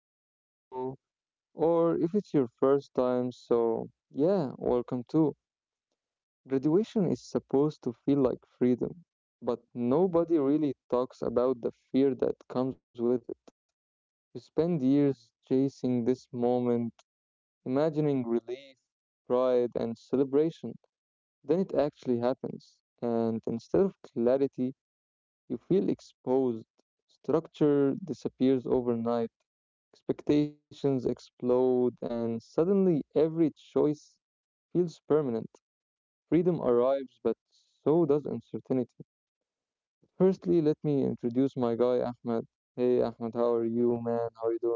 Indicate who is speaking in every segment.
Speaker 1: back to the show. Or if it's your first time, so yeah, welcome too. Graduation is supposed to feel like freedom, but nobody really talks about the fear that comes with it. You spend years chasing this moment, imagining relief, pride, and celebration. Then it actually happens, and instead of clarity, you feel exposed. Structure disappears overnight. Expectations explode, and suddenly every choice feels permanent. Freedom arrives, but so does uncertainty. Firstly, let me introduce my guy, Ahmed. Hey, Ahmed, how are you, man? How are you doing?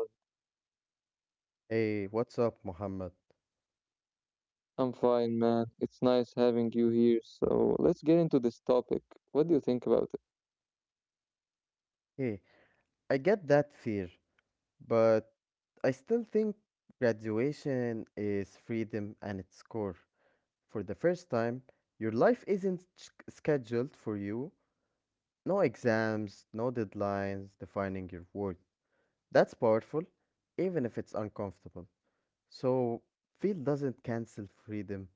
Speaker 2: Hey, what's up, Mohammed?
Speaker 1: I'm fine, man. It's nice having you here. So, let's get into this topic. What do you think about it?
Speaker 2: Hey, I get that fear, but I still think graduation is freedom and its core. For the first time, your life isn't scheduled for you. No exams, no deadlines defining your worth. That's powerful, even if it's uncomfortable. So, field doesn't cancel freedom,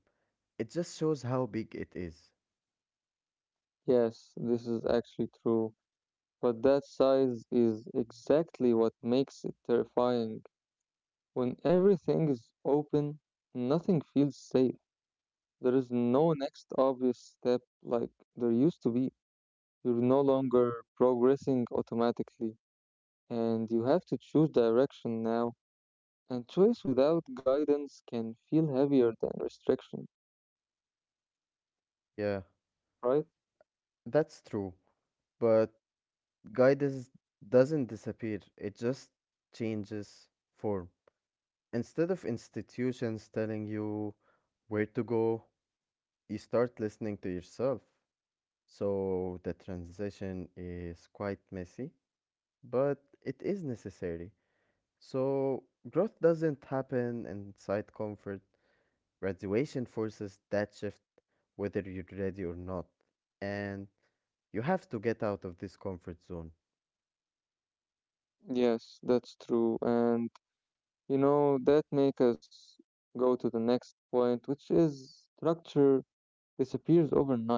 Speaker 2: it just shows how big it is.
Speaker 1: Yes, this is actually true. But that size is exactly what makes it terrifying. When everything is open, nothing feels safe. There is no next obvious step like there used to be. You're no longer progressing automatically, and you have to choose direction now. And choice without guidance can feel heavier than restriction,
Speaker 2: Yeah,
Speaker 1: right?
Speaker 2: that's true, but Guidance doesn't disappear, it just changes form. Instead of institutions telling you where to go, you start listening to yourself. So the transition is quite messy, but it is necessary. So growth doesn't happen inside comfort. Graduation forces that shift whether you're ready or not. And you have to get out of this comfort zone.
Speaker 1: Yes, that's true. And you know, that makes us go to the next point, which is structure disappears overnight.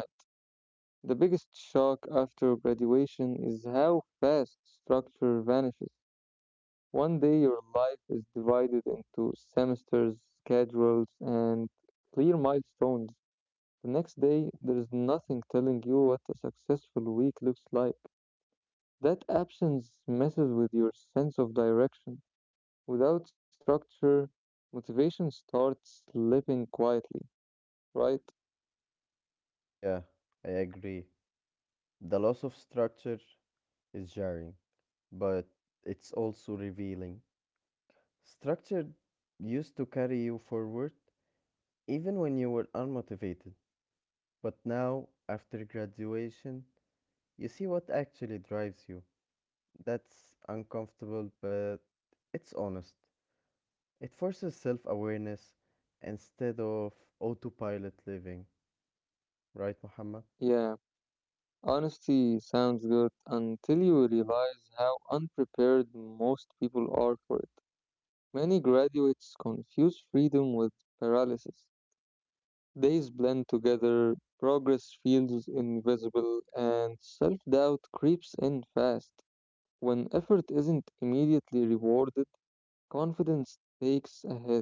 Speaker 1: The biggest shock after graduation is how fast structure vanishes. One day your life is divided into semesters, schedules, and clear milestones. The next day, there is nothing telling you what a successful week looks like. That absence messes with your sense of direction. Without structure, motivation starts slipping quietly, right?
Speaker 2: Yeah, I agree. The loss of structure is jarring, but it's also revealing. Structure used to carry you forward even when you were unmotivated, but now, after graduation, you see what actually drives you. That's uncomfortable, but it's honest. It forces self awareness instead of autopilot living, right, Muhammad?
Speaker 1: Yeah, honesty sounds good until you realize how unprepared most people are for it. Many graduates confuse freedom with paralysis. Days blend together, progress feels invisible, and self doubt creeps in fast. When effort isn't immediately rewarded, confidence takes a hit.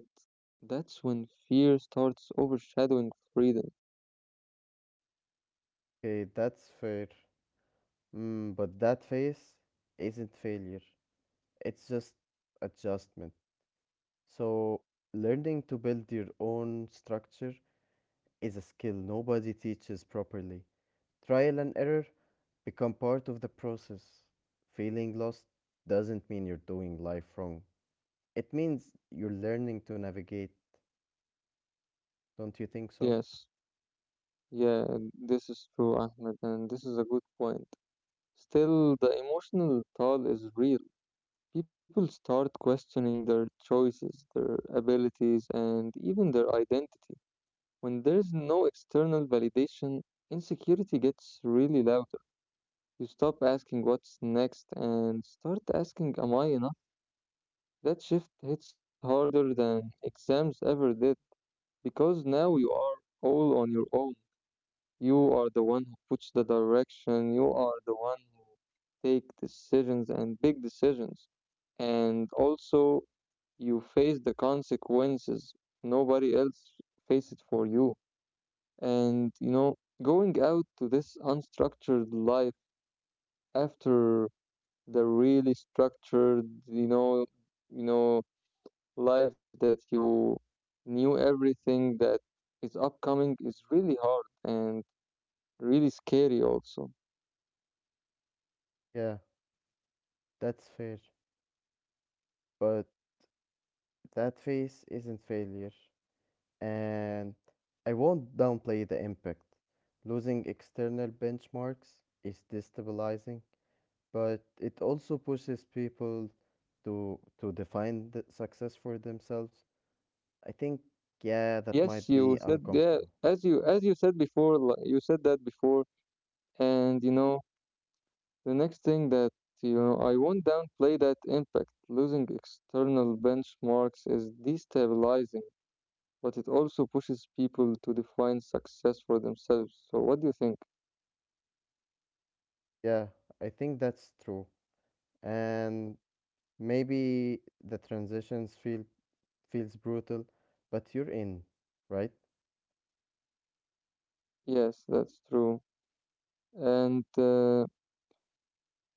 Speaker 1: That's when fear starts overshadowing freedom.
Speaker 2: Okay, that's fair. Mm, but that phase isn't failure, it's just adjustment. So, learning to build your own structure is a skill nobody teaches properly. Trial and error become part of the process. Feeling lost doesn't mean you're doing life wrong. It means you're learning to navigate, don't you think so?
Speaker 1: Yes, yeah, this is true, Ahmed, and this is a good point. Still, the emotional toll is real. People start questioning their choices, their abilities, and even their identity. When there is no external validation, insecurity gets really louder. You stop asking what's next and start asking, Am I enough? That shift hits harder than exams ever did because now you are all on your own. You are the one who puts the direction. You are the one who take decisions and big decisions. And also, you face the consequences. Nobody else face it for you. And you know, going out to this unstructured life after the really structured, you know, life that you knew everything that is upcoming is really hard and really scary also.
Speaker 2: Yeah, that's fair. But that phase isn't failure. And I won't downplay the impact. Losing external benchmarks is destabilizing, but it also pushes people to define the success for themselves. I think yeah, that
Speaker 1: Yes,
Speaker 2: might
Speaker 1: you
Speaker 2: be
Speaker 1: said yeah,
Speaker 2: uncomfortable.
Speaker 1: as you said before, you said that before, and the next thing that I won't downplay that impact. Losing external benchmarks is destabilizing, but it also pushes people to define success for themselves. So what do you think?
Speaker 2: Yeah, I think that's true. And maybe the transitions feels brutal, but you're in, right?
Speaker 1: Yes, that's true. And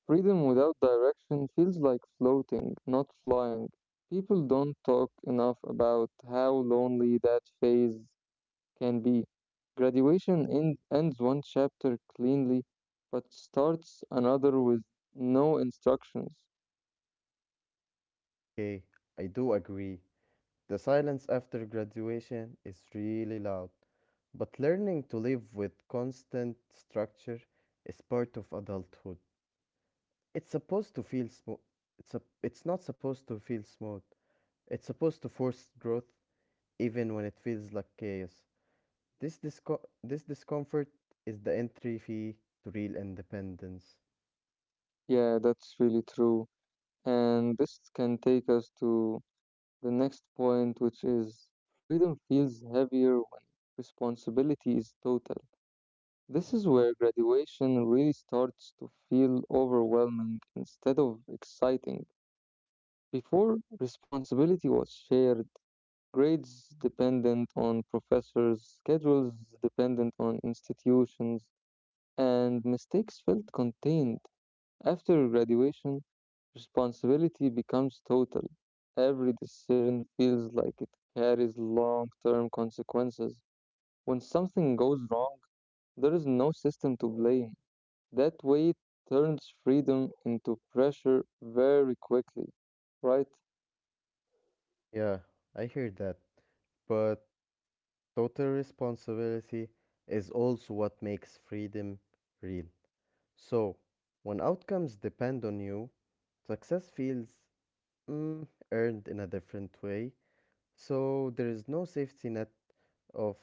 Speaker 1: freedom without direction feels like floating, not flying. People don't talk enough about how lonely that phase can be. Graduation ends one chapter cleanly, but starts another with no instructions.
Speaker 2: Okay, I do agree. The silence after graduation is really loud, but learning to live with constant structure is part of adulthood. It's supposed to feel smooth. It's not supposed to feel smooth. It's supposed to force growth even when it feels like chaos. This discomfort is the entry fee to real independence.
Speaker 1: Yeah, that's really true. And this can take us to the next point, which is freedom feels heavier when responsibility is total. This is where graduation really starts to feel overwhelming instead of exciting. Before, responsibility was shared, grades dependent on professors, schedules dependent on institutions, and mistakes felt contained. After graduation, responsibility becomes total. Every decision feels like it carries long term consequences. When something goes wrong, there is no system to blame. That way turns freedom into pressure very quickly, right?
Speaker 2: Yeah, I hear that. But total responsibility is also what makes freedom real. So, when outcomes depend on you, success feels mm, earned in a different way. So there is no safety net of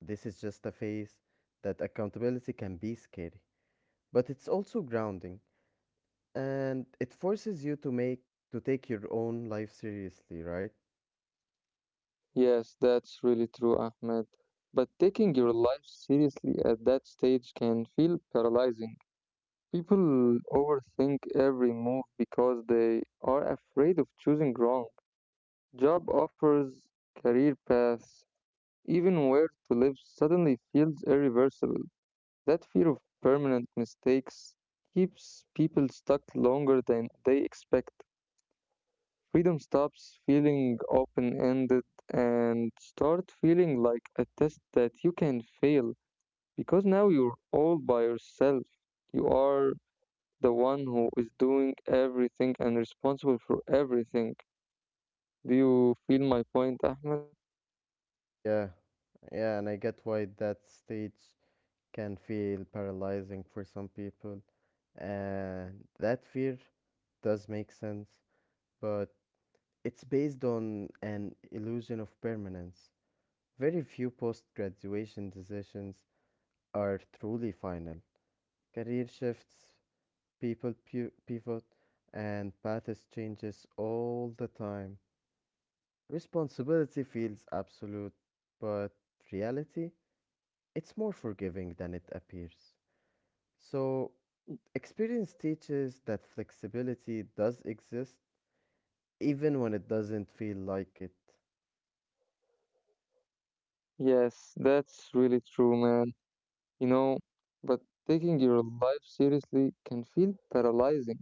Speaker 2: this is just a phase that accountability can be scary, but it's also grounding and it forces you to take your own life seriously, right?
Speaker 1: Yes, that's really true, Ahmed. But taking your life seriously at that stage can feel paralyzing. People overthink every move because they are afraid of choosing wrong. Job offers, career paths, even where to live suddenly feels irreversible. That fear of permanent mistakes keeps people stuck longer than they expect. Freedom stops feeling open ended and start feeling like a test that you can fail because now you're all by yourself. You are the one who is doing everything and responsible for everything. Do you feel my point, Ahmed?
Speaker 2: Yeah. Yeah, and I get why that stage can feel paralyzing for some people. And that fear does make sense, but it's based on an illusion of permanence. Very few post graduation decisions are truly final. Career shifts, pivot, and paths changes all the time. Responsibility feels absolute, but reality, it's more forgiving than it appears. So, experience teaches that flexibility does exist even when it doesn't feel like it.
Speaker 1: Yes, that's really true, man. You know, but taking your life seriously can feel paralyzing.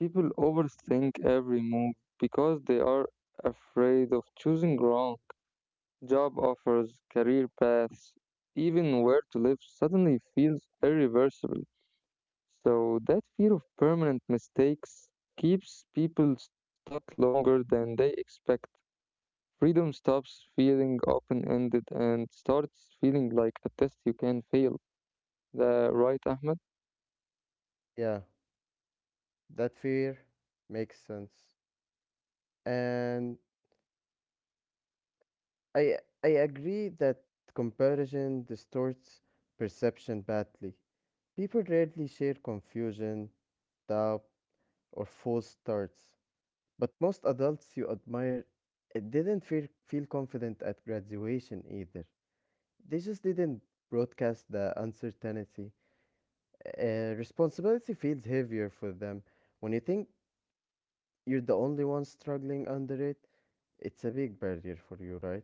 Speaker 1: People overthink every move because they are afraid of choosing wrong. Job offers, career paths, even where to live suddenly feels irreversible. So that fear of permanent mistakes keeps people stuck longer than they expect. Freedom stops feeling open ended and starts feeling like a test you can fail. The right, Ahmed?
Speaker 2: Yeah, that fear makes sense. And I I agree that comparison distorts perception badly. People rarely share confusion, doubt, or false starts. But most adults you admire didn't feel confident at graduation either. They just didn't broadcast the uncertainty. Responsibility feels heavier for them. When you think you're the only one struggling under it, it's a big barrier for you, right?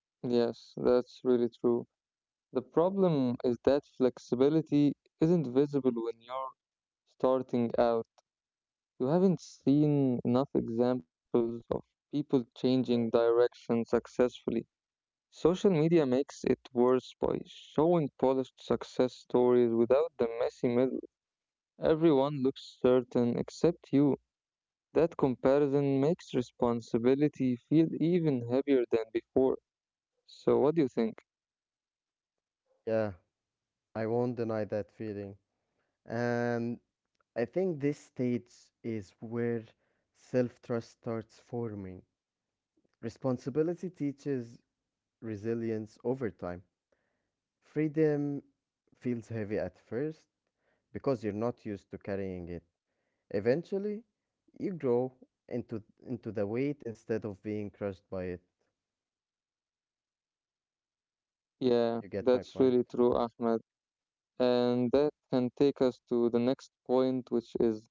Speaker 1: Yes, that's really true. The problem is that flexibility isn't visible when you're starting out. You haven't seen enough examples of people changing direction successfully. Social media makes it worse by showing polished success stories without the messy middle. Everyone looks certain except you. That comparison makes responsibility feel even heavier than before. So, what do you think?
Speaker 2: Yeah, I won't deny that feeling. And I think this stage is where self trust starts forming. Responsibility teaches resilience over time. Freedom feels heavy at first because you're not used to carrying it. Eventually, you grow into into the weight instead of being crushed by it.
Speaker 1: Yeah,
Speaker 2: You get my
Speaker 1: that's
Speaker 2: point?
Speaker 1: really true, Ahmed. And that can take us to the next point, which is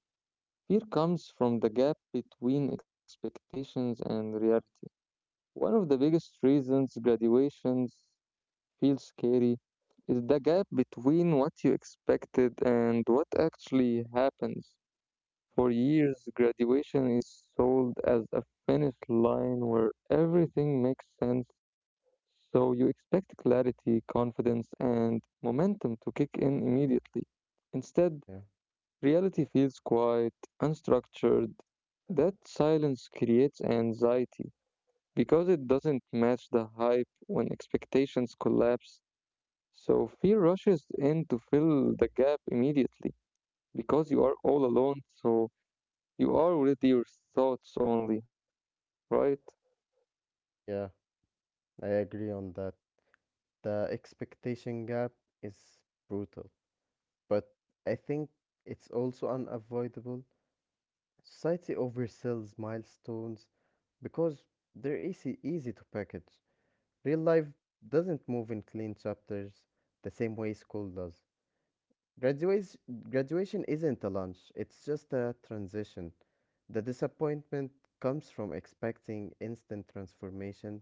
Speaker 1: fear comes from the gap between expectations and reality. One of the biggest reasons graduations feel scary is the gap between what you expected and what actually happens. For years, graduation is sold as a finish line where everything makes sense, so you expect clarity, confidence, and momentum to kick in immediately. Instead,
Speaker 2: Yeah.
Speaker 1: reality feels quiet, unstructured. That silence creates anxiety because it doesn't match the hype when expectations collapse. So fear rushes in to fill the gap immediately because you are all alone, so you are with your thoughts only, right?
Speaker 2: Yeah, I agree on that. The expectation gap is brutal, but I think it's also unavoidable. Society oversells milestones because they're easy to package. Real life doesn't move in clean chapters the same way school does. Graduation, Graduation isn't a lunch, it's just a transition. The disappointment comes from expecting instant transformation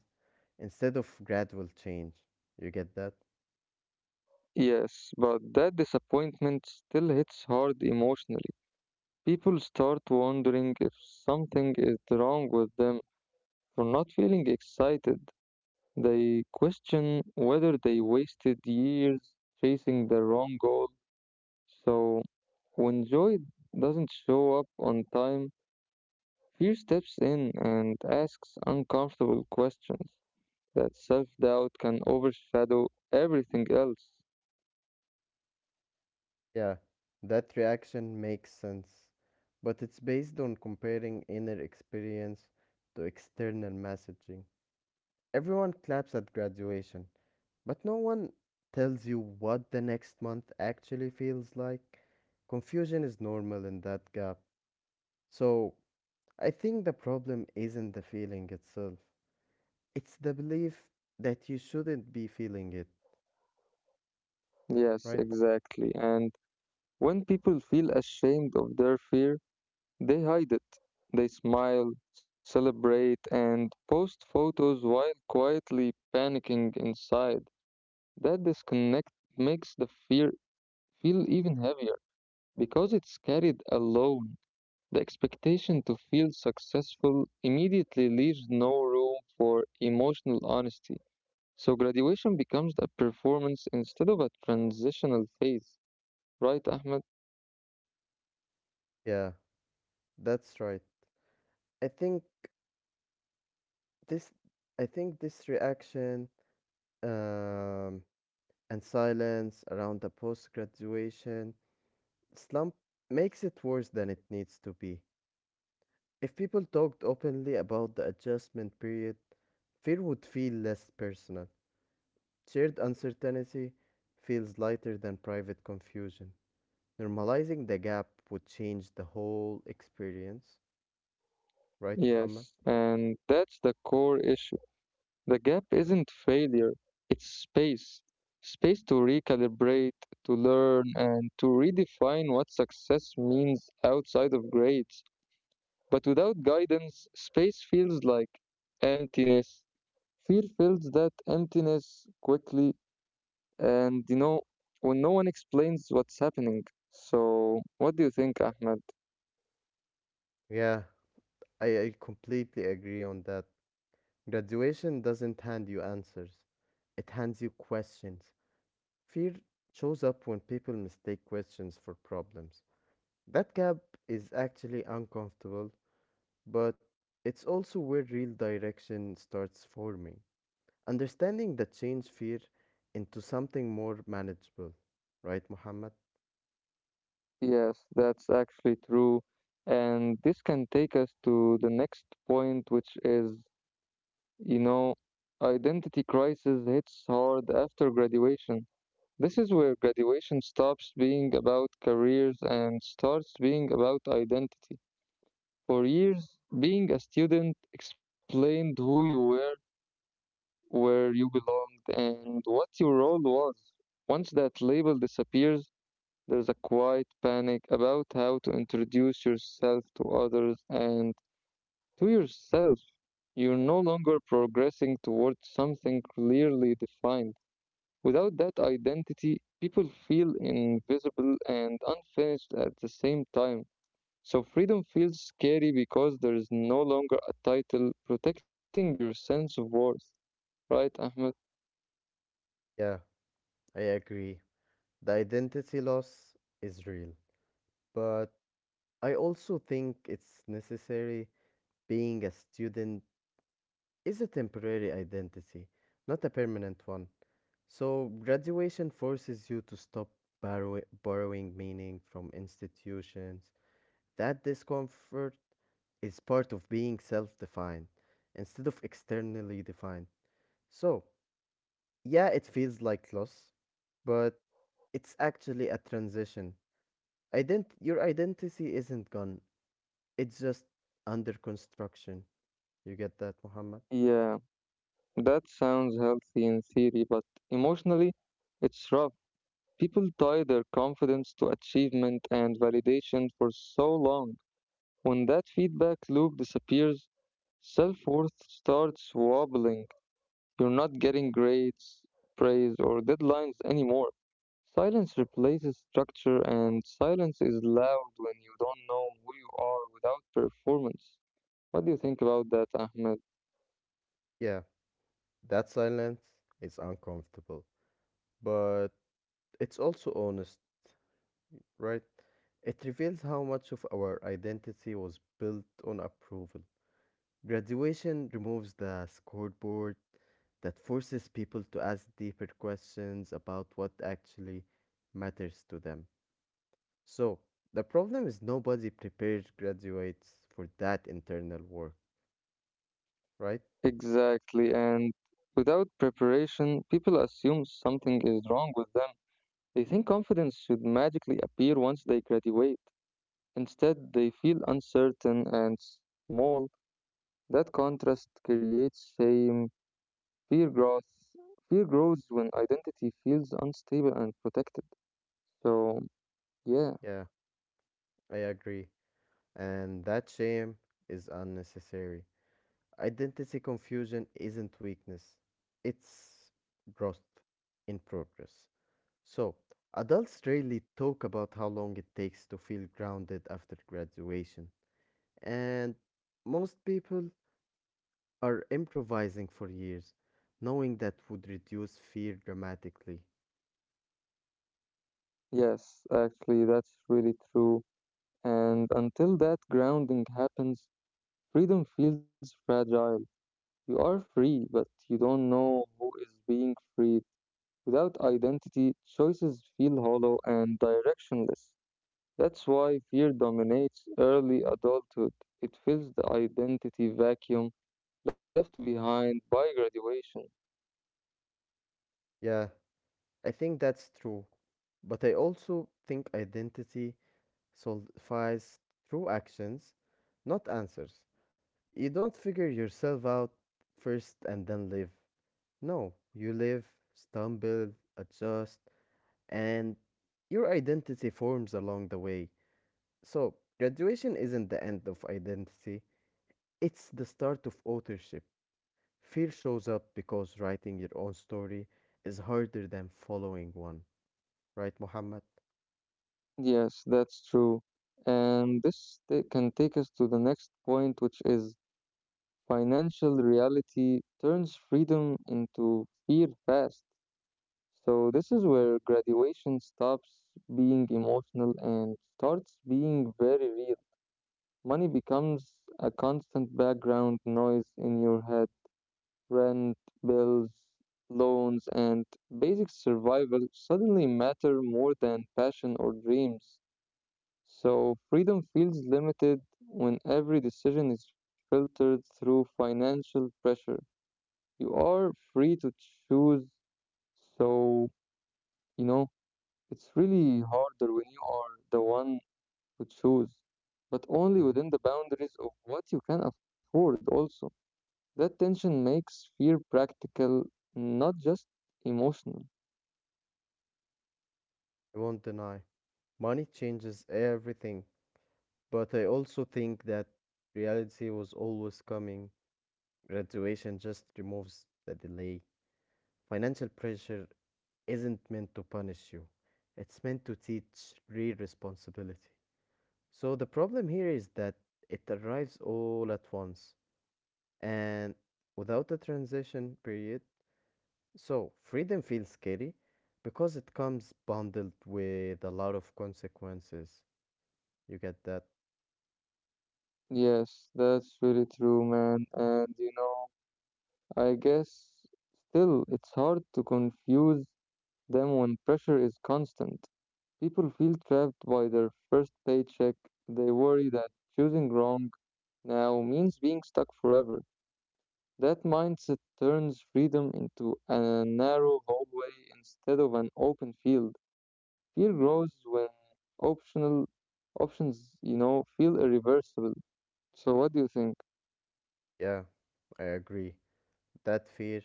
Speaker 2: instead of gradual change. You get that?
Speaker 1: Yes, but that disappointment still hits hard emotionally. People start wondering if something is wrong with them for not feeling excited. They question whether they wasted years chasing the wrong goal. So, when joy doesn't show up on time, fear steps in and asks uncomfortable questions that self doubt can overshadow everything else.
Speaker 2: Yeah, that reaction makes sense, but it's based on comparing inner experience to external messaging. Everyone claps at graduation, but no one tells you what the next month actually feels like. Confusion is normal in that gap. So, I think the problem isn't the feeling itself, it's the belief that you shouldn't be feeling it,
Speaker 1: Yes,
Speaker 2: right?
Speaker 1: exactly. And when people feel ashamed of their fear, they hide it. They smile, celebrate, and post photos while quietly panicking inside. That disconnect makes the fear feel even heavier because it's carried alone. The expectation to feel successful immediately leaves no room for emotional honesty. So graduation becomes a performance instead of a transitional phase, right, Ahmed?
Speaker 2: Yeah, that's right. I think this I think this reaction um, and silence around the post graduation slump makes it worse than it needs to be. If people talked openly about the adjustment period, fear would feel less personal. Shared uncertainty feels lighter than private confusion. Normalizing the gap would change the whole experience, right, Muhammad?
Speaker 1: Yes, and that's the core issue. The gap isn't failure, it's space. Space to recalibrate, to learn, and to redefine what success means outside of grades. But without guidance, space feels like emptiness. Fear fills that emptiness quickly, and you know, when no one explains what's happening. So, what do you think, Ahmed?
Speaker 2: Yeah, I completely agree on that. Graduation doesn't hand you answers, it hands you questions. Fear shows up when people mistake questions for problems. That gap is actually uncomfortable. But it's also where real direction starts forming. Understanding that change fear into something more manageable. Right, Muhammad?
Speaker 1: Yes, that's actually true. And this can take us to the next point, which is you know, identity crisis hits hard after graduation. This is where graduation stops being about careers and starts being about identity. For years, being a student explained who you were, where you belonged, and what your role was. Once that label disappears, there's a quiet panic about how to introduce yourself to others and to yourself. You're no longer progressing towards something clearly defined. Without that identity, people feel invisible and unfinished at the same time. So freedom feels scary because there is no longer a title protecting your sense of worth. Right, Ahmed?
Speaker 2: Yeah, I agree. The identity loss is real. But I also think it's necessary. Being a student is a temporary identity, not a permanent one. So graduation forces you to stop borrowing meaning from institutions. That discomfort is part of being self defined instead of externally defined. So, yeah, it feels like loss, but it's actually a transition. Your identity isn't gone, it's just under construction. You get that, Muhammad?
Speaker 1: Yeah, that sounds healthy in theory, but emotionally, it's rough. People tie their confidence to achievement and validation for so long. When that feedback loop disappears, self worth starts wobbling. You're not getting grades, praise, or deadlines anymore. Silence replaces structure, and silence is loud when you don't know who you are without performance. What do you think about that, Ahmed?
Speaker 2: Yeah, that silence is uncomfortable, but it's also honest, right? It reveals how much of our identity was built on approval. Graduation removes the scoreboard that forces people to ask deeper questions about what actually matters to them. So, the problem is nobody prepares graduates for that internal work, right?
Speaker 1: Exactly, and without preparation, people assume something is wrong with them. They think confidence should magically appear once they graduate. Instead, they feel uncertain and small. That contrast creates shame. Fear grows, fear grows when identity feels unstable and protected. So, yeah,
Speaker 2: Yeah, I agree. And that shame is unnecessary. Identity confusion isn't weakness, it's growth in progress. So, adults rarely talk about how long it takes to feel grounded after graduation, and most people are improvising for years. Knowing that would reduce fear dramatically.
Speaker 1: yes, actually, that's really true. And until that grounding happens, freedom feels fragile. You are free, but you don't know who is being freed. Without identity, choices feel hollow and directionless. That's why fear dominates early adulthood. It fills the identity vacuum left behind by graduation.
Speaker 2: Yeah, I think that's true, but I also think identity solidifies through actions, not answers. You don't figure yourself out first and then live. No, you live, stumble, adjust, and your identity forms along the way. So, graduation isn't the end of identity, it's the start of authorship. Fear shows up because writing your own story is harder than following one, right, Muhammad?
Speaker 1: Yes, that's true. And this can take us to the next point, which is financial reality turns freedom into fear fast. So, this is where graduation stops being emotional and starts being very real. Money becomes a constant background noise in your head. Rent, bills, loans, and basic survival suddenly matter more than passion or dreams. So, freedom feels limited when every decision is filtered through financial pressure. You are free to choose, so, you know, it's really harder when you are the one who choose, but
Speaker 2: Mhm.
Speaker 1: only within the boundaries of what you can afford, also. That tension makes fear practical, not just emotional.
Speaker 2: I won't deny. Money changes everything, but I also think that reality was always coming. Graduation just removes the delay. Financial pressure isn't meant to punish you, it's meant to teach real responsibility. So the problem here is that it arrives all at once and without a transition period. So freedom feels scary because it comes bundled with a lot of consequences. You get that?
Speaker 1: Yes, that's really true, man. And you know, I guess still it's hard to confuse them when pressure is constant. People feel trapped by their first paycheck. They worry that choosing wrong now means being stuck forever. That mindset turns freedom into a narrow hallway instead of an open field. Fear grows when optional options, you know, feel irreversible. So what do you think?
Speaker 2: Yeah, I agree. That fear,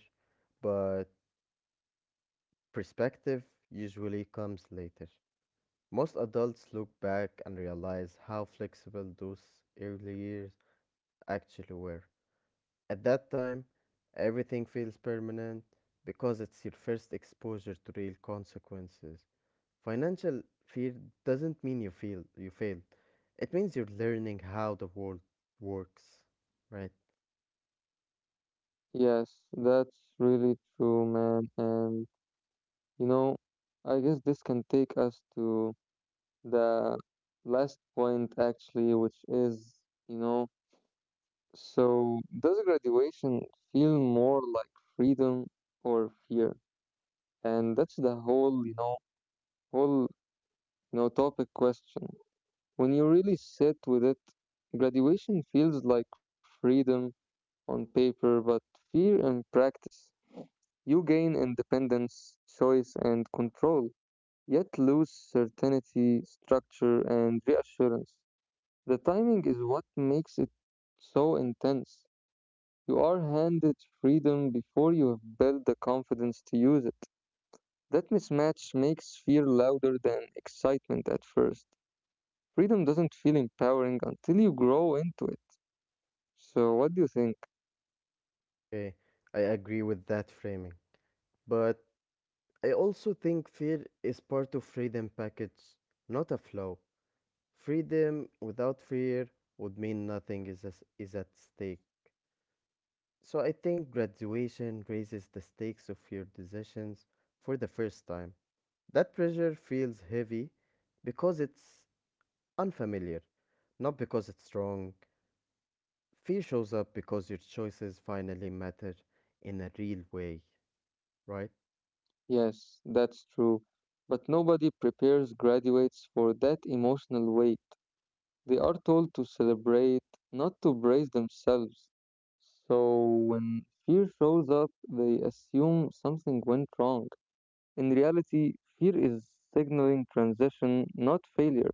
Speaker 2: but perspective usually comes later. Most adults look back and realize how flexible those early years actually were. At that time, everything feels permanent because it's your first exposure to real consequences. Financial fear doesn't mean you feel you failed. It means you're learning how the world works, right?
Speaker 1: Yes, that's really true, man. And you know, I guess this can take us to the last point actually, which is, you know, so does graduation feel more like freedom or fear? And that's the whole, you know, topic question. When you really sit with it, graduation feels like freedom on paper, but fear in practice. You gain independence, choice, and control, yet lose certainty, structure, and reassurance. The timing is what makes it so intense. You are handed freedom before you have built the confidence to use it. That mismatch makes fear louder than excitement at first. Freedom doesn't feel empowering until you grow into it. So, what do you think?
Speaker 2: Okay, I agree with that framing. But I also think fear is part of freedom package, not a flaw. Freedom without fear would mean nothing is at stake. So I think graduation raises the stakes of your decisions for the first time. That pressure feels heavy because it's unfamiliar, not because it's wrong. Fear shows up because your choices finally matter in a real way, right?
Speaker 1: Yes, that's true. But nobody prepares graduates for that emotional weight. They are told to celebrate, not to brace themselves. So, when fear shows up, they assume something went wrong. In reality, fear is signaling transition, not failure.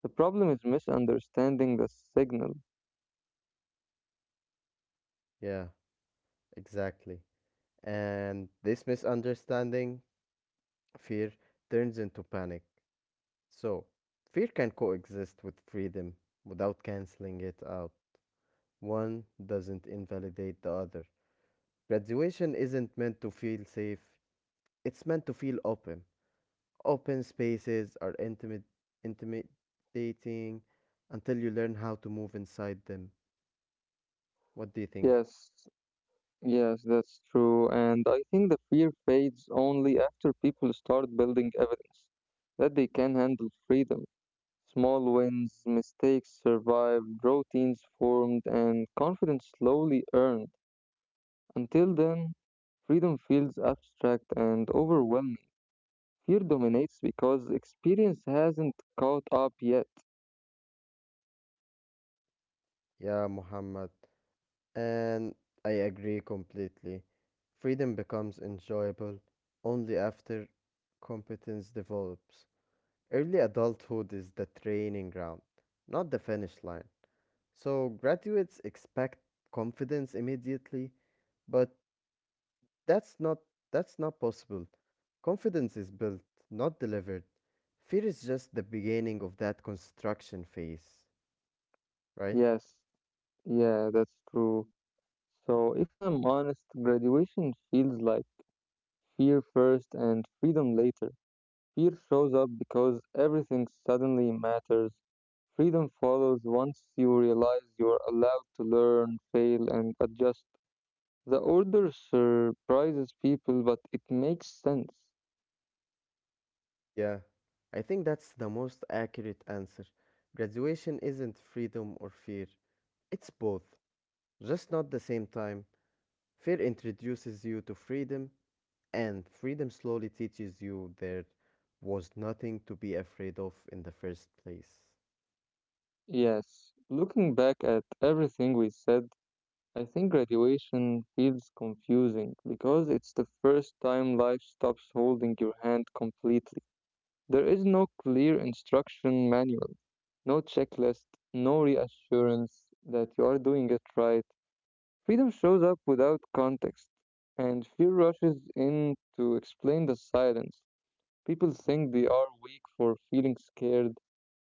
Speaker 1: The problem is misunderstanding the signal.
Speaker 2: Yeah, exactly. And this misunderstanding, fear, turns into panic. So, fear can coexist with freedom without canceling it out. One doesn't invalidate the other. Graduation isn't meant to feel safe, it's meant to feel open. Open spaces are intimidating until you learn how to move inside them. What do you think?
Speaker 1: Yes, Yes, that's true, and I think the fear fades only after people start building evidence that they can handle freedom. Small wins, mistakes survived, routines formed, and confidence slowly earned. Until then, freedom feels abstract and overwhelming. Fear dominates because experience hasn't caught up yet.
Speaker 2: Yeah, Muhammad. And I agree completely. Freedom becomes enjoyable only after competence develops. Early adulthood is the training ground, not the finish line. So graduates expect confidence immediately, but That's not that's not possible. Confidence is built, not delivered. Fear is just the beginning of that construction phase, right?
Speaker 1: Yes, yeah, that's true. So, if I'm honest, graduation feels like fear first and freedom later. Fear shows up because everything suddenly matters. Freedom follows once you realize you are allowed to learn, fail, and adjust. The order surprises people, but it makes sense.
Speaker 2: Yeah. I think that's the most accurate answer. Graduation isn't freedom or fear. It's both, just not the same time. Fear introduces you to freedom, and freedom slowly teaches you there was nothing to be afraid of in the first place.
Speaker 1: Yes, looking back at everything we said, I think graduation feels confusing because it's the first time life stops holding your hand completely. There is no clear instruction manual, no checklist, no reassurance that you are doing it right. Freedom shows up without context, and fear rushes in to explain the silence. People think they are weak for feeling scared,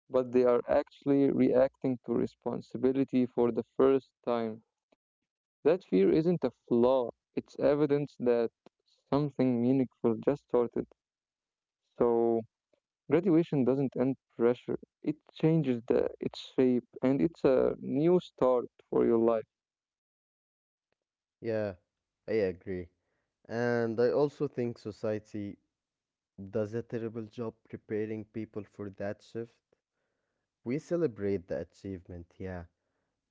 Speaker 1: but they are actually reacting to responsibility for the first time. That fear isn't a flaw, it's evidence that something meaningful just started. So, graduation doesn't end pressure. It changes the its shape and it's a new start for your life.
Speaker 2: Yeah, I agree. And I also think society does a terrible job preparing people for that shift. We celebrate the achievement, yeah,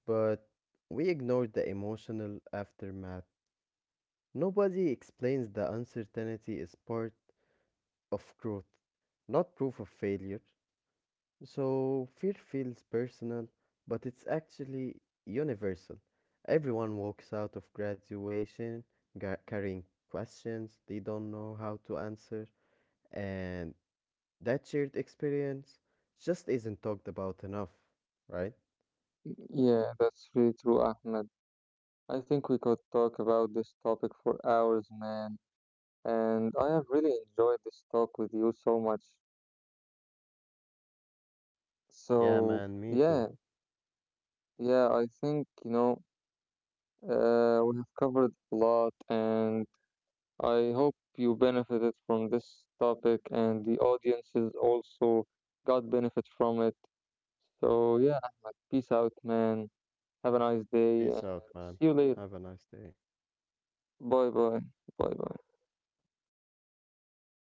Speaker 2: but we ignore the emotional aftermath. Nobody explains the uncertainty is part of growth, not proof of failure. So fear feels personal, but it's actually universal. Everyone walks out of graduation carrying questions they don't know how to answer. And that shared experience just isn't talked about enough, right?
Speaker 1: Yeah, that's really true, Ahmed. I think we could talk about this topic for hours, man. And I have really enjoyed this talk with you so much.
Speaker 2: Yeah,
Speaker 1: So,
Speaker 2: man, me
Speaker 1: yeah,
Speaker 2: too.
Speaker 1: yeah, I think, we have covered a lot, and I hope you benefited from this topic, and the audiences also got benefit from it. So yeah, Ahmed, peace out, man. Have a nice day and
Speaker 2: Peace out, man.
Speaker 1: see you later.
Speaker 2: Have a nice day.
Speaker 1: Bye bye. Bye bye.